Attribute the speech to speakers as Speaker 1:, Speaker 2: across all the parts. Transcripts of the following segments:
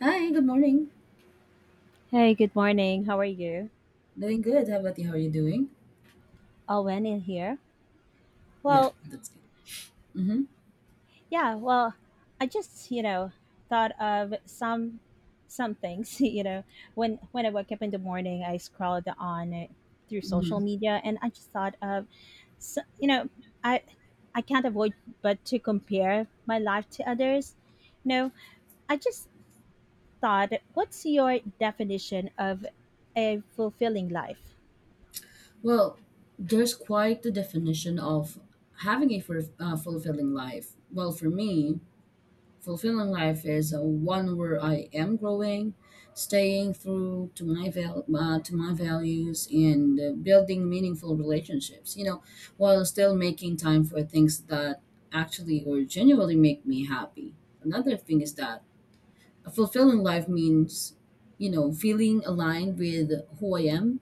Speaker 1: Hi, good morning.
Speaker 2: Hey, good morning. How are you?
Speaker 1: Doing good. How about you? How are you doing?
Speaker 2: Owen in here.
Speaker 1: Good.
Speaker 2: Well,
Speaker 1: That's good. Mm-hmm.
Speaker 2: yeah, well, I just, you know, thought of some things, you know, when I woke up in the morning, I scrolled on it through social
Speaker 1: Mm-hmm.
Speaker 2: media and I just thought of so, you know, I I can't avoid but to compare my life to others. No, I just thought, what's your definition of a fulfilling life?
Speaker 1: Well, there's quite the definition of having a fur fulfilling life. Well, for me, fulfilling life is one where I am growing, staying through to my to my values, and building meaningful relationships. You know, while still making time for things that actually or genuinely make me happy. Another thing is that a fulfilling life means, you know, feeling aligned with who I am,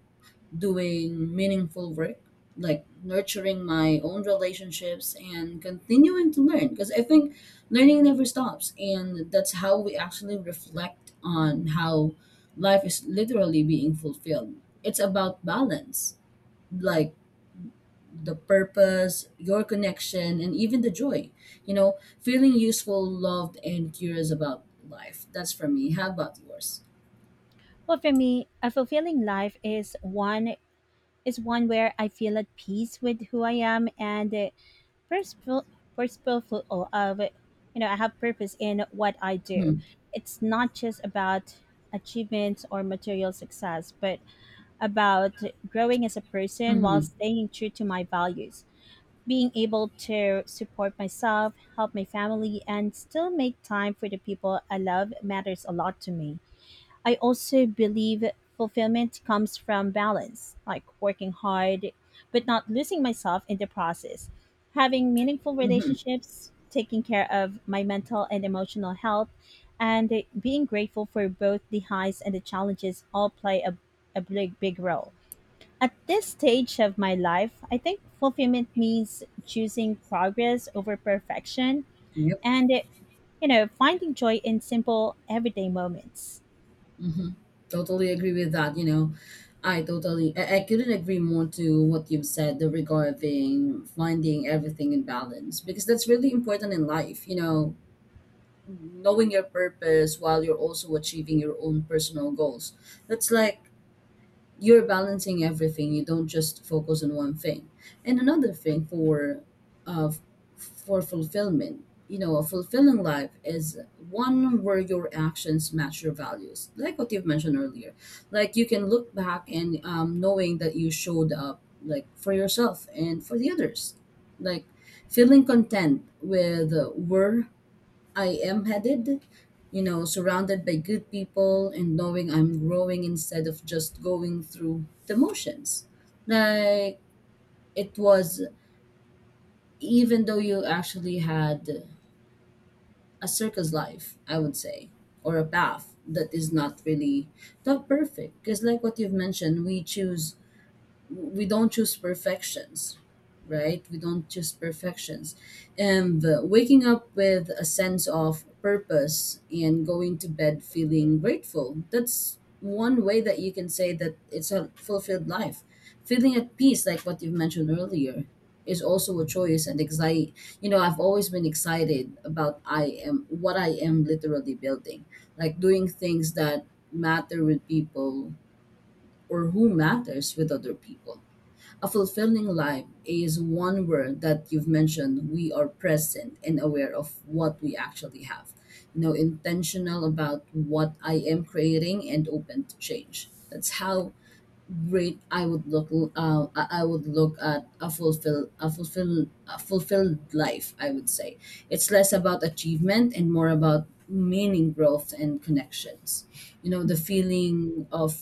Speaker 1: doing meaningful work, like nurturing my own relationships and continuing to learn, because I think learning never stops, and that's how we actually reflect on how life is literally being fulfilled. It's about balance, like the purpose, your connection, and even the joy. You know, feeling useful, loved, and curious about life. That's for me. How about yours?
Speaker 2: Well, for me, a fulfilling life is one where I feel at peace with who I am and purposeful, purposeful of, you know, I have purpose in what I do.
Speaker 1: Mm-hmm.
Speaker 2: It's not just about achievements or material success, but about growing as a person while
Speaker 1: Mm-hmm.
Speaker 2: staying true to my values. Being able to support myself, help my family, and still make time for the people I love matters a lot to me. I also believe fulfillment comes from balance, like working hard, but not losing myself in the process, having meaningful
Speaker 1: Mm-hmm.
Speaker 2: relationships, taking care of my mental and emotional health, and being grateful for both the highs and the challenges all play a big, big role. At this stage of my life, I think fulfillment means choosing progress over perfection
Speaker 1: Yep.
Speaker 2: and, you know, finding joy in simple everyday moments.
Speaker 1: Mm-hmm. Totally agree with that. You know, I couldn't agree more to what you've said regarding finding everything in balance, because that's really important in life. You know, knowing your purpose while you're also achieving your own personal goals. That's like you're balancing everything. You don't just focus on one thing. And another thing for uh, f- for fulfillment, you know, a fulfilling life is one where your actions match your values, like what you've mentioned earlier. Like you can look back and knowing that you showed up, like for yourself and for the others, like feeling content with where I am headed, you know, surrounded by good people and knowing I'm growing instead of just going through the motions. Like it was, even though you actually had a circus life, I would say, or a path that is not really not perfect. Because, like what you've mentioned, we don't choose perfections, right? We don't choose perfections. And waking up with a sense of purpose and going to bed feeling grateful, that's one way that you can say that it's a fulfilled life. Feeling at peace, like what you mentioned earlier, is also a choice and exciting. You know, I've always been excited about I am literally building, like doing things that matter with people, or who matters with other people. A fulfilling life is one word that you've mentioned. We are present and aware of what we actually have. You know, intentional about what I am creating and open to change. That's how great I would look. I would look at a fulfilled life. I would say it's less about achievement and more about meaning, growth, and connections. You know, the feeling of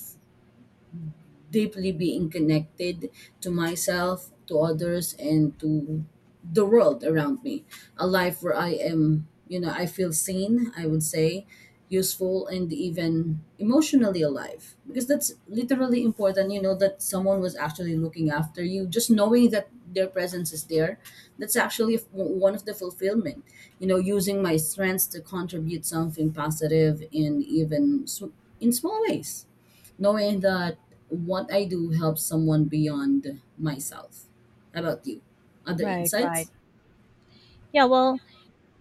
Speaker 1: deeply being connected to myself, to others, and to the world around me. A life where I am, you know, I feel seen, I would say, useful, and even emotionally alive. Because that's literally important, you know, that someone was actually looking after you. Just knowing that their presence is there, one of the fulfillment. You know, using my strengths to contribute something positive in even in small ways, knowing that what I do helps someone beyond myself. How about you? Other
Speaker 2: Right, right.
Speaker 1: insights?
Speaker 2: Yeah, well,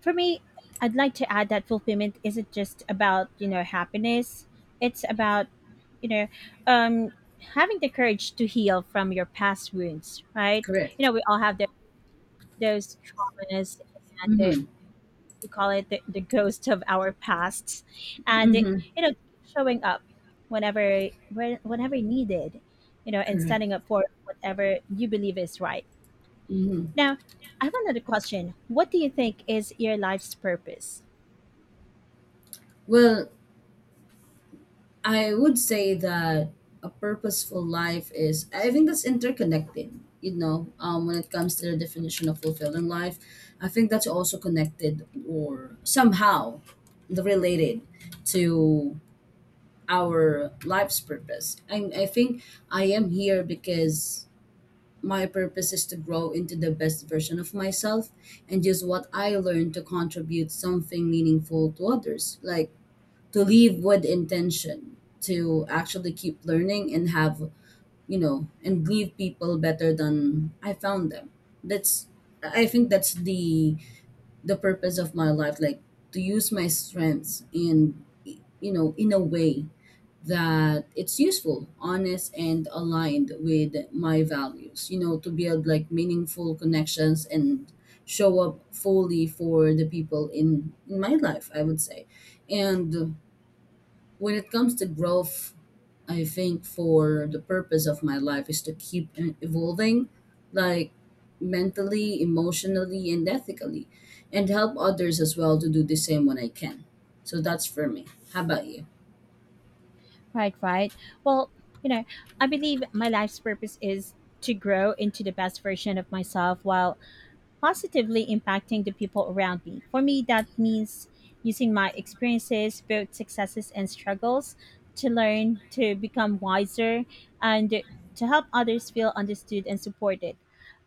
Speaker 2: for me, I'd like to add that fulfillment isn't just about, you know, happiness. It's about, you know, um, having the courage to heal from your past wounds, right? You
Speaker 1: Correct.
Speaker 2: know, we all have those traumas and
Speaker 1: Mm-hmm.
Speaker 2: we call it the ghost of our pasts. And, it,
Speaker 1: Mm-hmm.
Speaker 2: you know, showing up whenever, whenever needed, you know, and
Speaker 1: Correct.
Speaker 2: standing up for whatever you believe is right.
Speaker 1: Mm-hmm.
Speaker 2: Now, I have another question. What do you think is your life's purpose?
Speaker 1: Well, I would say that a purposeful life is, I think that's interconnected, you know, when it comes to the definition of fulfilling life. I think that's also connected or somehow related to our life's purpose. And I think I am here because my purpose is to grow into the best version of myself and use what I learn to contribute something meaningful to others. Like, to leave with intention, to actually keep learning and have, you know, and leave people better than I found them. That's, I think that's the purpose of my life, like to use my strengths in, you know, in a way that it's useful, honest, and aligned with my values, you know, to build like meaningful connections and show up fully for the people in my life, I would say. And when it comes to growth, I think for the purpose of my life is to keep evolving, like mentally, emotionally, and ethically, and help others as well to do the same when I can. So that's for me. How about you?
Speaker 2: Right, right. Well, you know, I believe my life's purpose is to grow into the best version of myself while positively impacting the people around me. For me, that means using my experiences, both successes and struggles, to learn, to become wiser, and to help others feel understood and supported.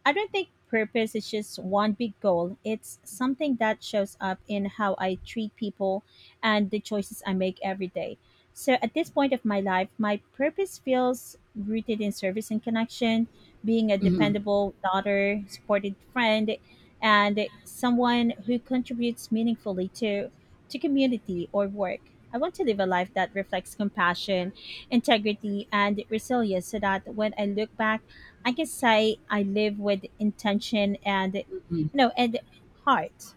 Speaker 2: I don't think purpose is just one big goal. It's something that shows up in how I treat people and the choices I make every day. So at this point of my life, my purpose feels rooted in service and connection, being a
Speaker 1: Hmm.
Speaker 2: dependable daughter, supported friend, and someone who contributes meaningfully to community or work. I want to live a life that reflects compassion, integrity, and resilience so that when I look back, I can say I live with intention and and heart.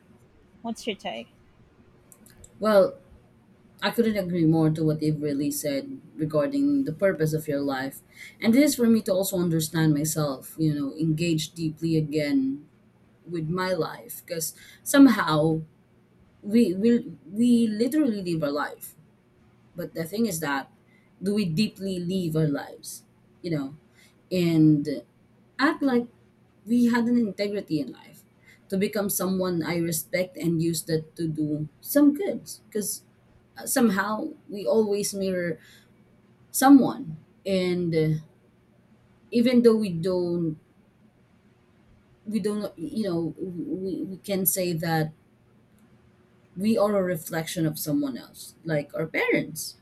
Speaker 2: What's your take?
Speaker 1: Well, I couldn't agree more to what you've really said regarding the purpose of your life. And this is for me to also understand myself, you know, engage deeply again with my life, because somehow we literally live our life. But the thing is that, do we deeply live our lives, you know, and act like we had an integrity in life, to become someone I respect and use that to do some good, because somehow we always mirror someone. And even though we don't you know, we can say that we are a reflection of someone else, like our parents,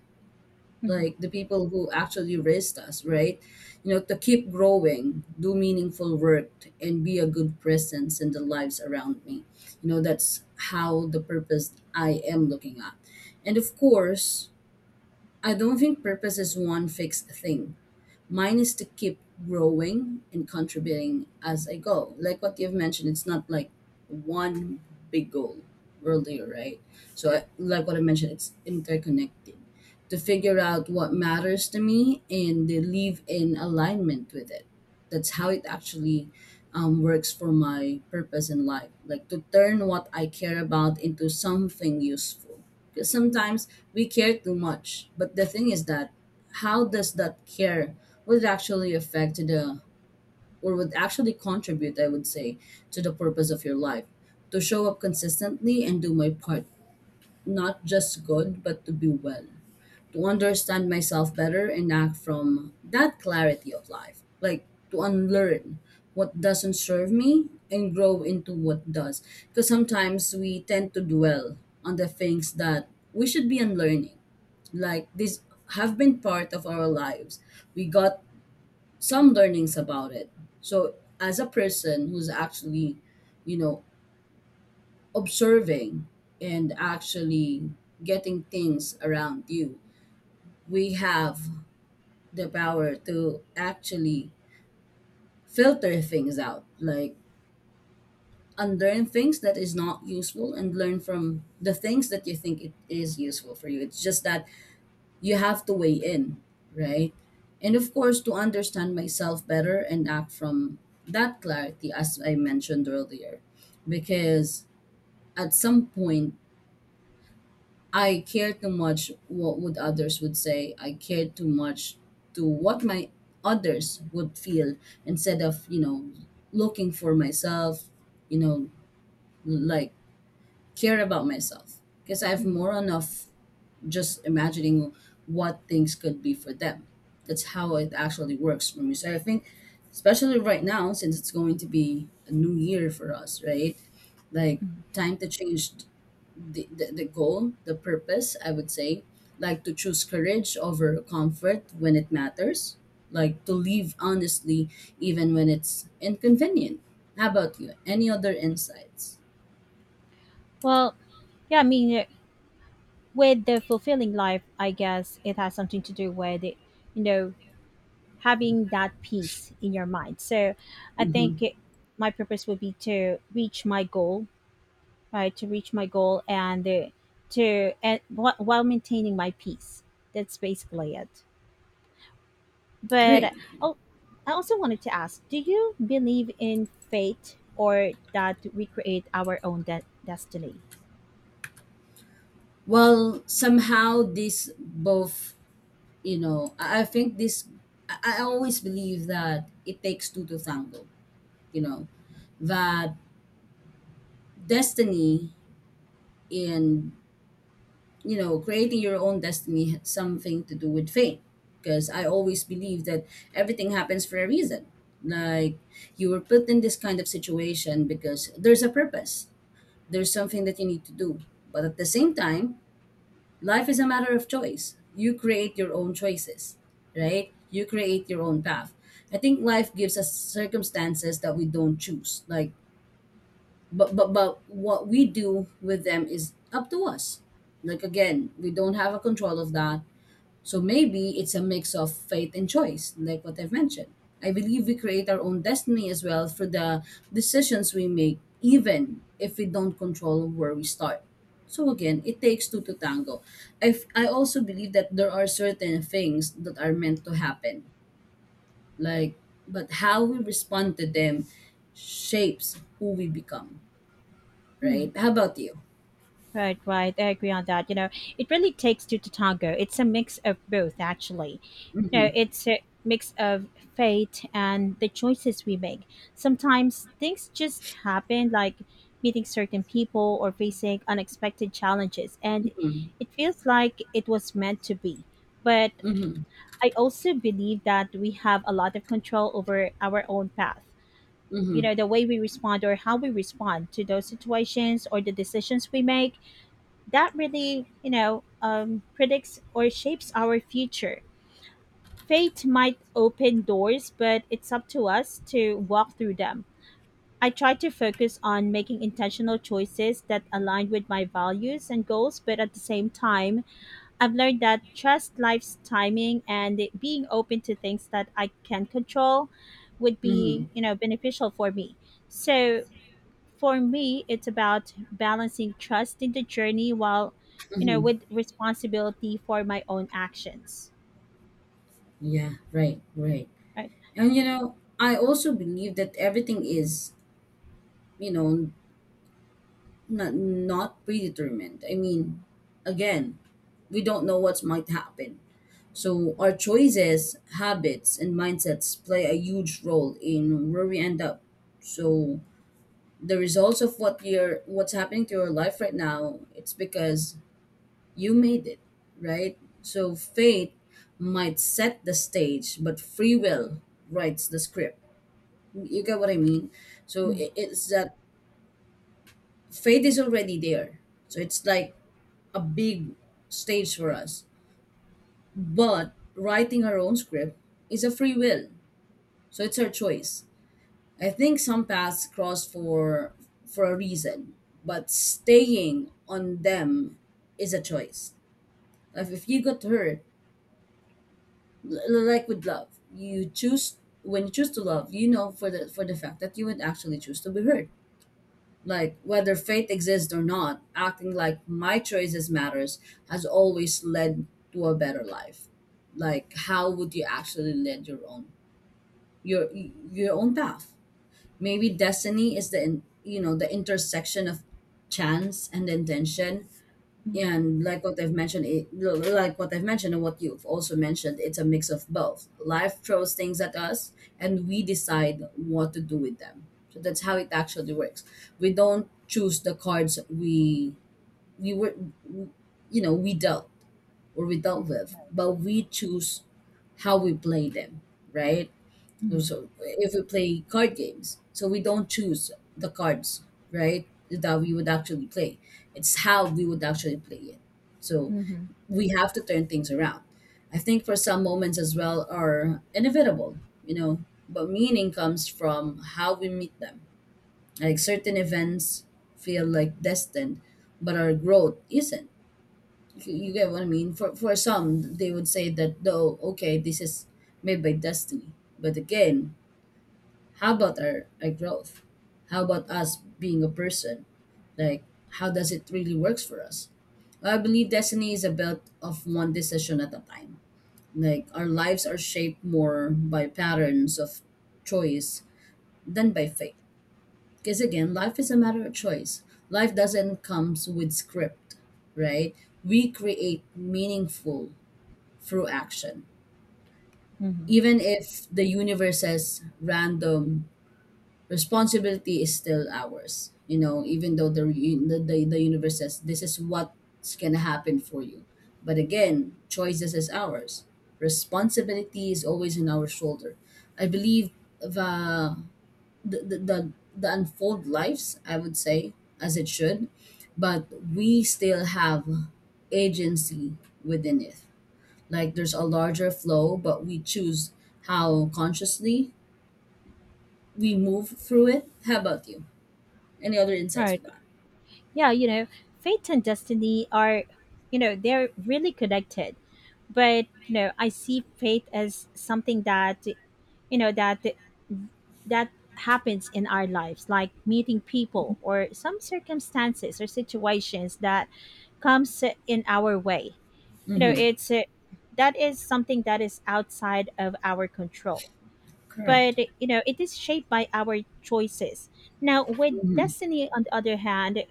Speaker 2: Mhm,
Speaker 1: like the people who actually raised us, right? You know, to keep growing, do meaningful work, and be a good presence in the lives around me. You know, that's how the purpose I am looking at. And of course, I don't think purpose is one fixed thing. Mine is to keep growing and contributing as I go. Like what you've mentioned, it's not like one big goal earlier, right? So, I, like what I mentioned, it's interconnected to figure out what matters to me and to live in alignment with it. That's how it actually works for my purpose in life. Like to turn what I care about into something useful. Because sometimes we care too much. But the thing is that how does that care would actually affect the, or would actually contribute, I would say, to the purpose of your life. To show up consistently and do my part, not just good but to be well, to understand myself better and act from that clarity of life, like to unlearn what doesn't serve me and grow into what does. Because sometimes we tend to dwell on the things that we should be unlearning, like these have been part of our lives. We got some learnings about it. So as a person who's actually, you know, observing and actually getting things around you, we have the power to actually filter things out, like unlearn things that is not useful and learn from the things that you think it is useful for you. It's just that you have to weigh in, right? And of course, to understand myself better and act from that clarity, as I mentioned earlier, because at some point, I care too much what would others would say. I care too much to what my others would feel, instead of, you know, looking for myself, you know, like care about myself, because I have
Speaker 2: mhm,
Speaker 1: more enough just imagining what things could be for them. That's how it actually works for me. So I think, especially right now, since it's going to be a new year for us, right? Like,
Speaker 2: mhm.
Speaker 1: time to change the goal, the purpose, I would say. Like, to choose courage over comfort when it matters. Like, to live honestly even when it's inconvenient. How about you? Any other insights?
Speaker 2: Well, yeah, I mean, with the fulfilling life, I guess it has something to do with, you know, having that peace in your mind. So I
Speaker 1: Hmm.
Speaker 2: think my purpose would be to reach my goal, right? To reach my goal and while maintaining my peace. That's basically it. But
Speaker 1: Great.
Speaker 2: oh, I also wanted to ask: do you believe in fate or that we create our own destiny?
Speaker 1: Well, somehow these both, you know, I think this, I always believe that it takes two to tango, you know, that destiny in, you know, creating your own destiny has something to do with fate. Because I always believe that everything happens for a reason. Like you were put in this kind of situation because there's a purpose, there's something that you need to do. But at the same time, life is a matter of choice. You create your own choices, right? You create your own path. I think life gives us circumstances that we don't choose. Like, but what we do with them is up to us. Like again, we don't have a control of that. So maybe it's a mix of faith and choice, like what I've mentioned. I believe we create our own destiny as well through the decisions we make, even if we don't control where we start. So again, it takes two to tango. I also believe that there are certain things that are meant to happen, like, but how we respond to them shapes who we become,
Speaker 2: Hmm.
Speaker 1: right? How about you?
Speaker 2: Right, right. I agree on that. You know, it really takes two to tango. It's a mix of both, actually. You know,
Speaker 1: Mm-hmm,
Speaker 2: it's a mix of fate and the choices we make. Sometimes things just happen, like meeting certain people or facing unexpected challenges, and
Speaker 1: mm-hmm,
Speaker 2: it feels like it was meant to be. But
Speaker 1: mm-hmm,
Speaker 2: I also believe that we have a lot of control over our own path. You know, the way we respond or how we respond to those situations or the decisions we make that really, predicts or shapes our future. Fate might open doors, but it's up to us to walk through them. I try to focus on making intentional choices that align with my values and goals, but at the same time, I've learned that trust life's timing and being open to things that I can control would
Speaker 1: mm-hmm,
Speaker 2: be, you know, beneficial for me. So for me, it's about balancing trust in the journey while,
Speaker 1: mm-hmm.
Speaker 2: with responsibility for my own actions,
Speaker 1: Yeah, right, right.
Speaker 2: right.
Speaker 1: And you know, I also believe that everything is, you know, not predetermined. I mean, again, we don't know what might happen. So our choices, habits, and mindsets play a huge role in where we end up. So the results of what's happening to your life right now, it's because you made it, right? So fate might set the stage, but free will writes the script. You get what I mean? It's that faith is already there. So it's like a big stage for us. But writing our own script is a free will. So it's our choice. I think some paths cross for a reason, but staying on them is a choice. Like if you got hurt, like with love, you choose when you choose to love, you know for the fact that you would actually choose to be hurt, like whether faith exists or not. Acting like my choices matters has always led to a better life. Like how would you actually lead your own, your own path? Maybe destiny is the you know, the intersection of chance and intention,
Speaker 2: Mm-hmm.
Speaker 1: and like what I've mentioned, and what you've also mentioned, it's a mix of both. Life throws things at us, and we decide what to do with them. So that's how it actually works. We don't choose the cards we were, you know, we dealt or we dealt with, but we choose how we play them, right? So if we play card games, so we don't choose the cards, right? That we would actually play. It's how we would actually play it. So we have to turn things around. I think for some moments as well are inevitable, you know, but meaning comes from how we meet them. Like certain events feel like destined, but our growth isn't. You get what I mean? For some, they would say that, though, okay, this is made by destiny. But again, how about our growth? How about us being a person? Like, how does it really works for us? I believe destiny is about of one decision at a time. Like our lives are shaped more by patterns of choice than by fate. Because again, life is a matter of choice. Life doesn't comes with script, right? We create meaningful through action.
Speaker 2: Hmm.
Speaker 1: Even if the universe says random, responsibility is still ours. You know, even though the re- the universe says this is what's going to happen for you, but again, choices is ours, responsibility is always in our shoulder. I believe the the unfold lives, I would say, as it should, but we still have agency within it. Like there's a larger flow, but we choose how consciously we move through it. How about you? Any other insights
Speaker 2: Right.
Speaker 1: with that?
Speaker 2: Yeah, you know, fate and destiny are, you know, they're really connected, but, you know, I see fate as something that, you know that that happens in our lives, like meeting people or some circumstances or situations that comes in our way. You know,
Speaker 1: Mm-hmm.
Speaker 2: it's that is something that is outside of our control, but,
Speaker 1: Correct.
Speaker 2: you know, it is shaped by our choices. Now, with
Speaker 1: Mm-hmm.
Speaker 2: destiny on the other hand,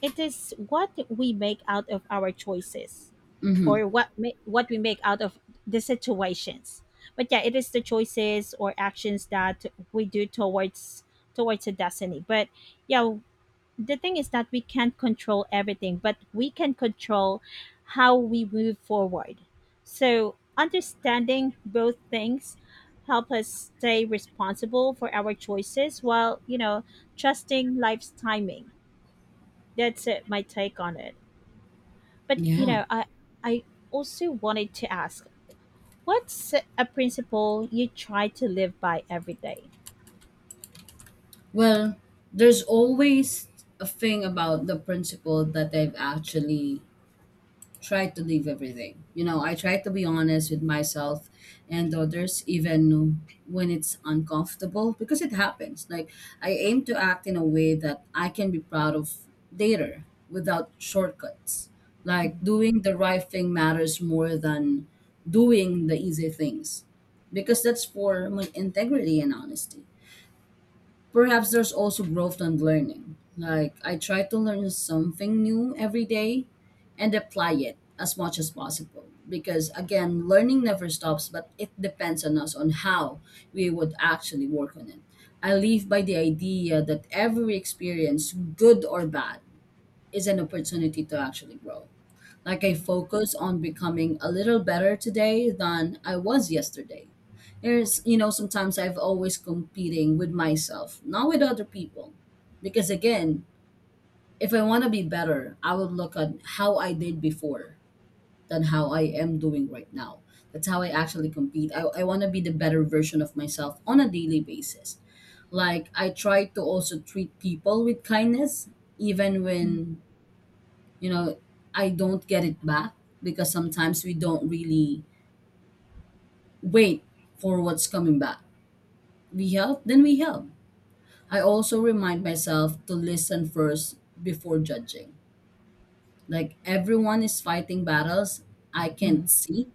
Speaker 2: it is what we make out of our choices
Speaker 1: Mm-hmm.
Speaker 2: or what we make out of the situations. But yeah, it is the choices or actions that we do towards the destiny. But yeah, the thing is that we can't control everything, but we can control how we move forward. So, understanding both things help us stay responsible for our choices while, you know, trusting life's timing. That's it, my take on it. But, you
Speaker 1: Yeah.
Speaker 2: know, I also wanted to ask, what's a principle you try to live by every day?
Speaker 1: Well, there's always a thing about the principle that I've actually tried to leave everything. You know, I try to be honest with myself and others, even when it's uncomfortable, because it happens. Like, I aim to act in a way that I can be proud of later without shortcuts. Like, doing the right thing matters more than doing the easy things, because that's for my integrity and honesty. Perhaps there's also growth and learning. Like, I try to learn something new every day and apply it as much as possible. Because, again, learning never stops, but it depends on us on how we would actually work on it. I live by the idea that every experience, good or bad, is an opportunity to actually grow. Like I focus on becoming a little better today than I was yesterday. There's, you know, sometimes I've always competing with myself, not with other people. Because again, if I want to be better, I would look at how I did before than how I am doing right now. That's how I actually compete. I want to be the better version of myself on a daily basis. Like I try to also treat people with kindness, even
Speaker 2: Mhm,
Speaker 1: when, you know, I don't get it back, because sometimes we don't really wait for what's coming back. We help, then we help. I also remind myself to listen first before judging. Like everyone is fighting battles I
Speaker 2: mhm,
Speaker 1: can't see,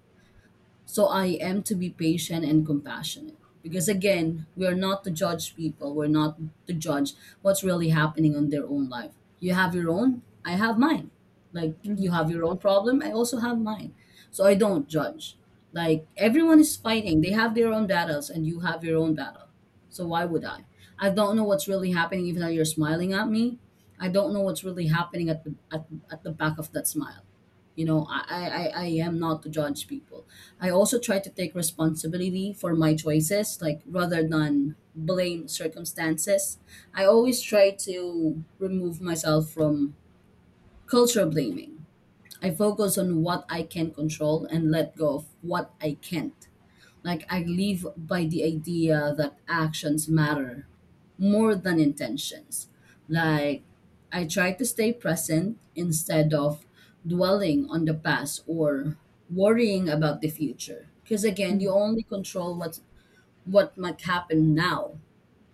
Speaker 1: so I am to be patient and compassionate. Because again, we are not to judge people. We're not to judge what's really happening on their own life. You have your own, I have mine. Like
Speaker 2: mhm,
Speaker 1: you have your own problem, I also have mine. So I don't judge. Like everyone is fighting. They have their own battles and you have your own battle. So why would I? I don't know what's really happening even though you're smiling at me. I don't know what's really happening at the back of that smile. You know, I am not to judge people. I also try to take responsibility for my choices, like rather than blame circumstances. I always try to remove myself from culture blaming. I focus on what I can control and let go of what I can't. Like I live by the idea that actions matter more than intentions. Like I try to stay present instead of dwelling on the past or worrying about the future. Because again, you
Speaker 2: mhm.
Speaker 1: only control what might happen now.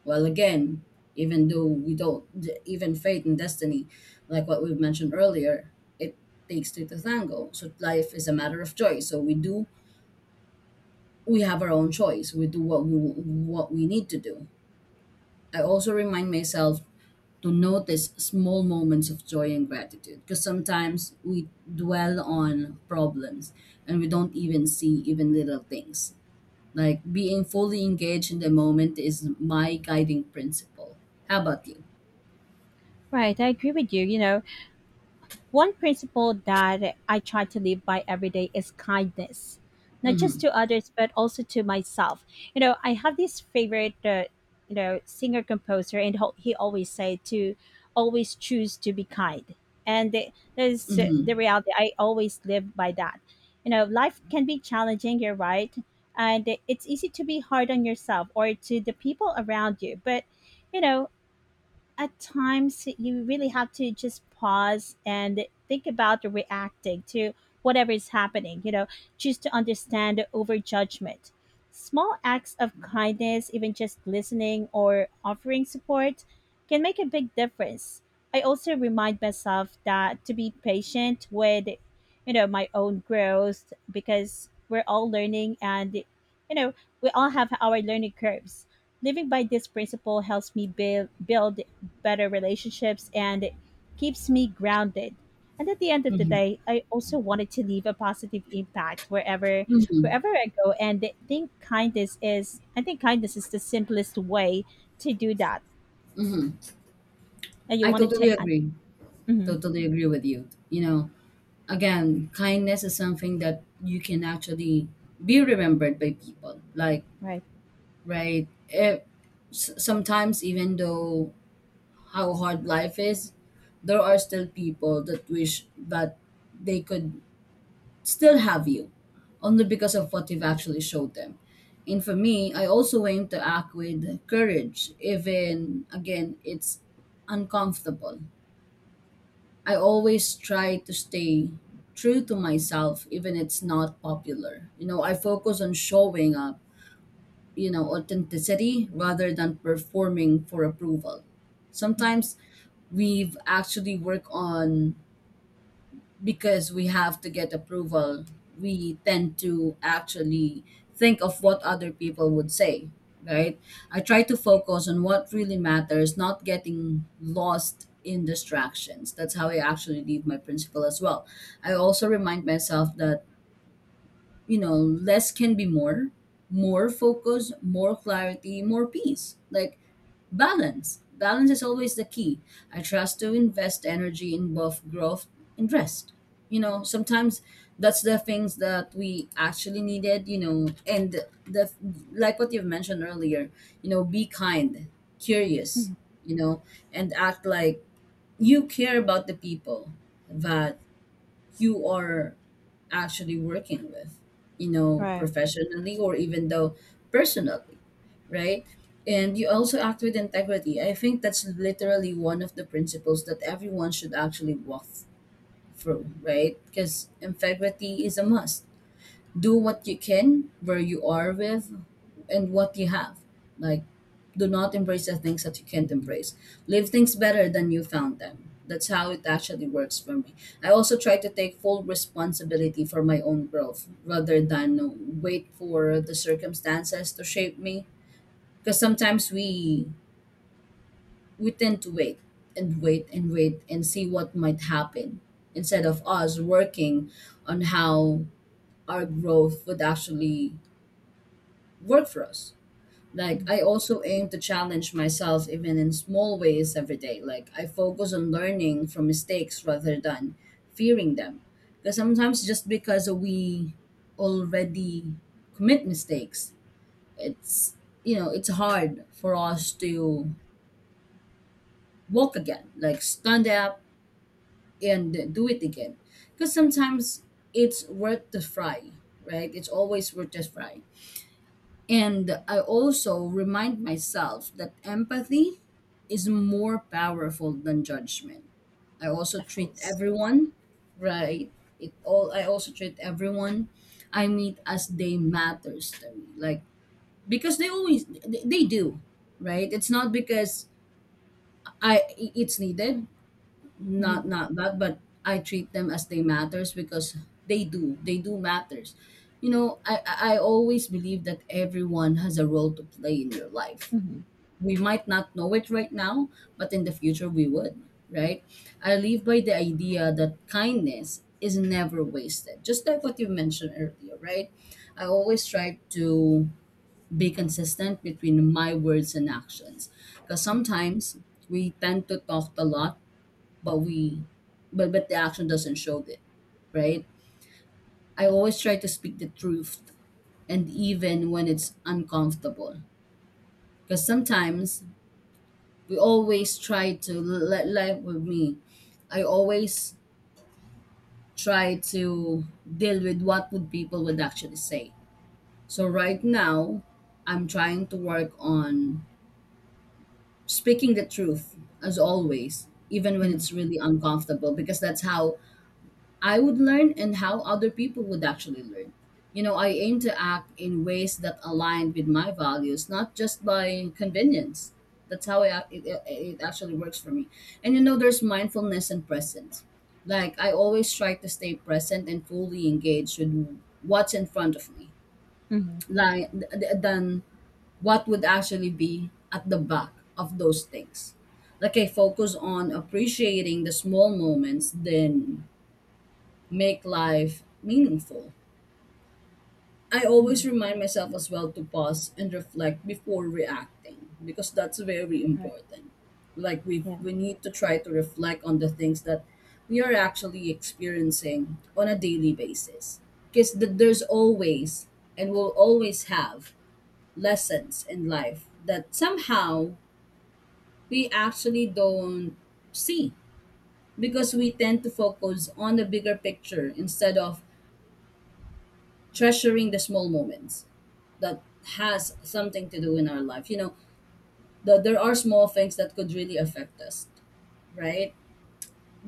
Speaker 1: Well, again, even though we don't, even fate and destiny, like what we've mentioned earlier, it takes two to tango. So life is a matter of choice. So we do, we have our own choice. We do what we need to do. I also remind myself to notice small moments of joy and gratitude because sometimes we dwell on problems and we don't even see even little things. Like being fully engaged in the moment is my guiding principle. How about you?
Speaker 2: Right, I agree with you. You know, one principle that I try to live by every day is kindness, not just
Speaker 1: Mm-hmm.
Speaker 2: to others, but also to myself. You know, I have this favorite, you know, singer composer, and he always say to always choose to be kind. And that is the
Speaker 1: Mm-hmm.
Speaker 2: reality. I always live by that. You know, life can be challenging, you're right. And it's easy to be hard on yourself or to the people around you. But, you know, at times you really have to just pause and think about reacting to whatever is happening. You know, choose to understand over judgment. Small acts of kindness, even just listening or offering support, can make a big difference. I also remind myself that to be patient with, you know, my own growth, because we're all learning, and, you know, we all have our learning curves. Living by this principle helps me build better relationships and it keeps me grounded. And at the end of the day, I also wanted to leave a positive impact
Speaker 1: Hmm.
Speaker 2: wherever I go. And I think kindness is the simplest way to do that. And you
Speaker 1: I
Speaker 2: wanted to
Speaker 1: totally
Speaker 2: add,
Speaker 1: agree.
Speaker 2: hmm.
Speaker 1: Totally agree with you. You know, again, kindness is something that you can actually be remembered by people. Like
Speaker 2: Right.
Speaker 1: Right. It, sometimes, even though how hard life is, there are still people that wish that they could still have you, only because of what you've actually showed them. And for me, I also aim to act with courage, even again, it's uncomfortable. I always try to stay true to myself, even it's not popular. You know, I focus on showing up, you know, authenticity rather than performing for approval. Sometimes we've actually work on, because we have to get approval, we tend to actually think of what other people would say, right? I try to focus on what really matters, not getting lost in distractions. That's how I actually leave my principle as well. I also remind myself that, you know, less can be more, more focus, more clarity, more peace. Like balance. Balance is always the key. I trust to invest energy in both growth and rest. You know, sometimes that's the things that we actually needed, you know, and the, like what you've mentioned earlier, you know, be kind, curious,
Speaker 2: Hmm.
Speaker 1: you know, and act like you care about the people that you are actually working with, you know,
Speaker 2: Right.
Speaker 1: professionally or even though personally, right? And you also act with integrity. I think that's literally one of the principles that everyone should actually walk through, right? Because integrity is a must. Do what you can where you are with and what you have. Like, do not embrace the things that you can't embrace. Leave things better than you found them. That's how it actually works for me. I also try to take full responsibility for my own growth rather than wait for the circumstances to shape me. Because sometimes we tend to wait and wait and wait and see what might happen instead of us working on how our growth would actually work for us. Like I also aim to challenge myself even in small ways every day. Like I focus on learning from mistakes rather than fearing them. Because sometimes just because we already commit mistakes, it's, you know, it's hard for us to walk again. Like stand up and do it again. Because sometimes it's worth the fry, right? It's always worth the fry. And I also remind myself that empathy is more powerful than judgment. I also
Speaker 2: Of
Speaker 1: treat
Speaker 2: course.
Speaker 1: everyone right. It all I also treat everyone I meet as they matters to me. Like because they always they do, right? It's not because I it's needed,
Speaker 2: Hmm.
Speaker 1: not not bad, but I treat them as they matters because they do, they do matters. You know, I always believe that everyone has a role to play in your life.
Speaker 2: Hmm.
Speaker 1: We might not know it right now, but in the future we would, right? I live by the idea that kindness is never wasted, just like what you mentioned earlier, right? I always try to be consistent between my words and actions, because
Speaker 2: Right.
Speaker 1: sometimes we tend to talk a lot, but we but the action doesn't show it, right? I always try to speak the truth, and even when it's uncomfortable, because sometimes we always try to let life with me. I always try to deal with what would people would actually say. So right now I'm trying to work on speaking the truth as always, even when
Speaker 2: Hmm.
Speaker 1: it's really uncomfortable, because that's how I would learn and how other people would actually learn. You know, I aim to act in ways that align with my values, not just by convenience. That's how I, it actually works for me. And you know, there's mindfulness and presence. Like, I always try to stay present and fully engaged with what's in front of me,
Speaker 2: Hmm.
Speaker 1: like, than what would actually be at the back of those things. Like, I focus on appreciating the small moments, then make life meaningful. I always
Speaker 2: Hmm.
Speaker 1: remind myself as well to pause and reflect before reacting because that's very
Speaker 2: Right,
Speaker 1: important. Like we
Speaker 2: yeah.
Speaker 1: we need to try to reflect on the things that we are actually experiencing on a daily basis because there's always and will always have lessons in life that somehow we actually don't see because we tend to focus on the bigger picture instead of treasuring the small moments that has something to do in our life. You know, that there are small things that could really affect us, right?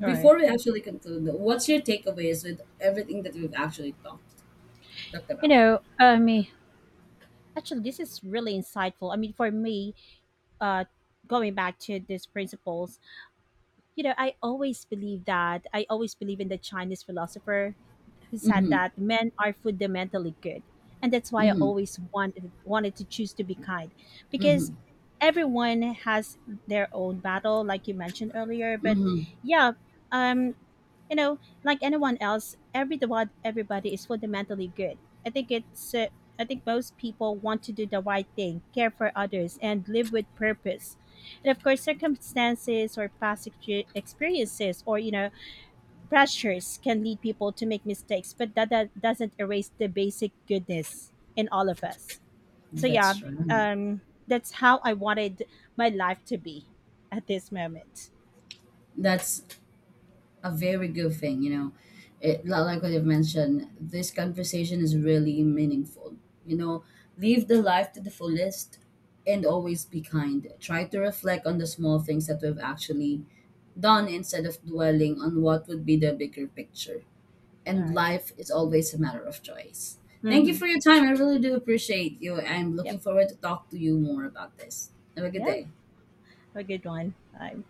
Speaker 2: All right.
Speaker 1: Before we actually conclude, though, what's your takeaways with everything that we've actually talked
Speaker 2: You
Speaker 1: about?
Speaker 2: know, I mean, actually, this is really insightful. I mean, for me, uh, going back to these principles, you know, I always believe that. I always believe in the Chinese philosopher who said that men are fundamentally good, and that's why I always wanted to choose to be kind, because everyone has their own battle, like you mentioned earlier. But yeah, um, you know, like anyone else, every the what everybody is fundamentally good. I think it's I think most people want to do the right thing, care for others, and live with purpose. And of course, circumstances or past experiences or, you know, pressures can lead people to make mistakes, but that doesn't erase the basic goodness in all of us. So yeah,
Speaker 1: That's right.
Speaker 2: that's how I wanted my life to be at this moment.
Speaker 1: That's a very good thing, you know. It, like what you've mentioned, this conversation is really meaningful. You know, live the life to the fullest and always be kind. Try to reflect on the small things that we've actually done instead of dwelling on what would be the bigger picture.
Speaker 2: All
Speaker 1: And
Speaker 2: right.
Speaker 1: life is always a matter of choice. Thank you
Speaker 2: Mm-hmm.
Speaker 1: for your time. I really do appreciate you. I'm
Speaker 2: Yep.
Speaker 1: looking forward to talk to you more about this. Have a good
Speaker 2: Yeah. Have
Speaker 1: day.
Speaker 2: a good one. Bye.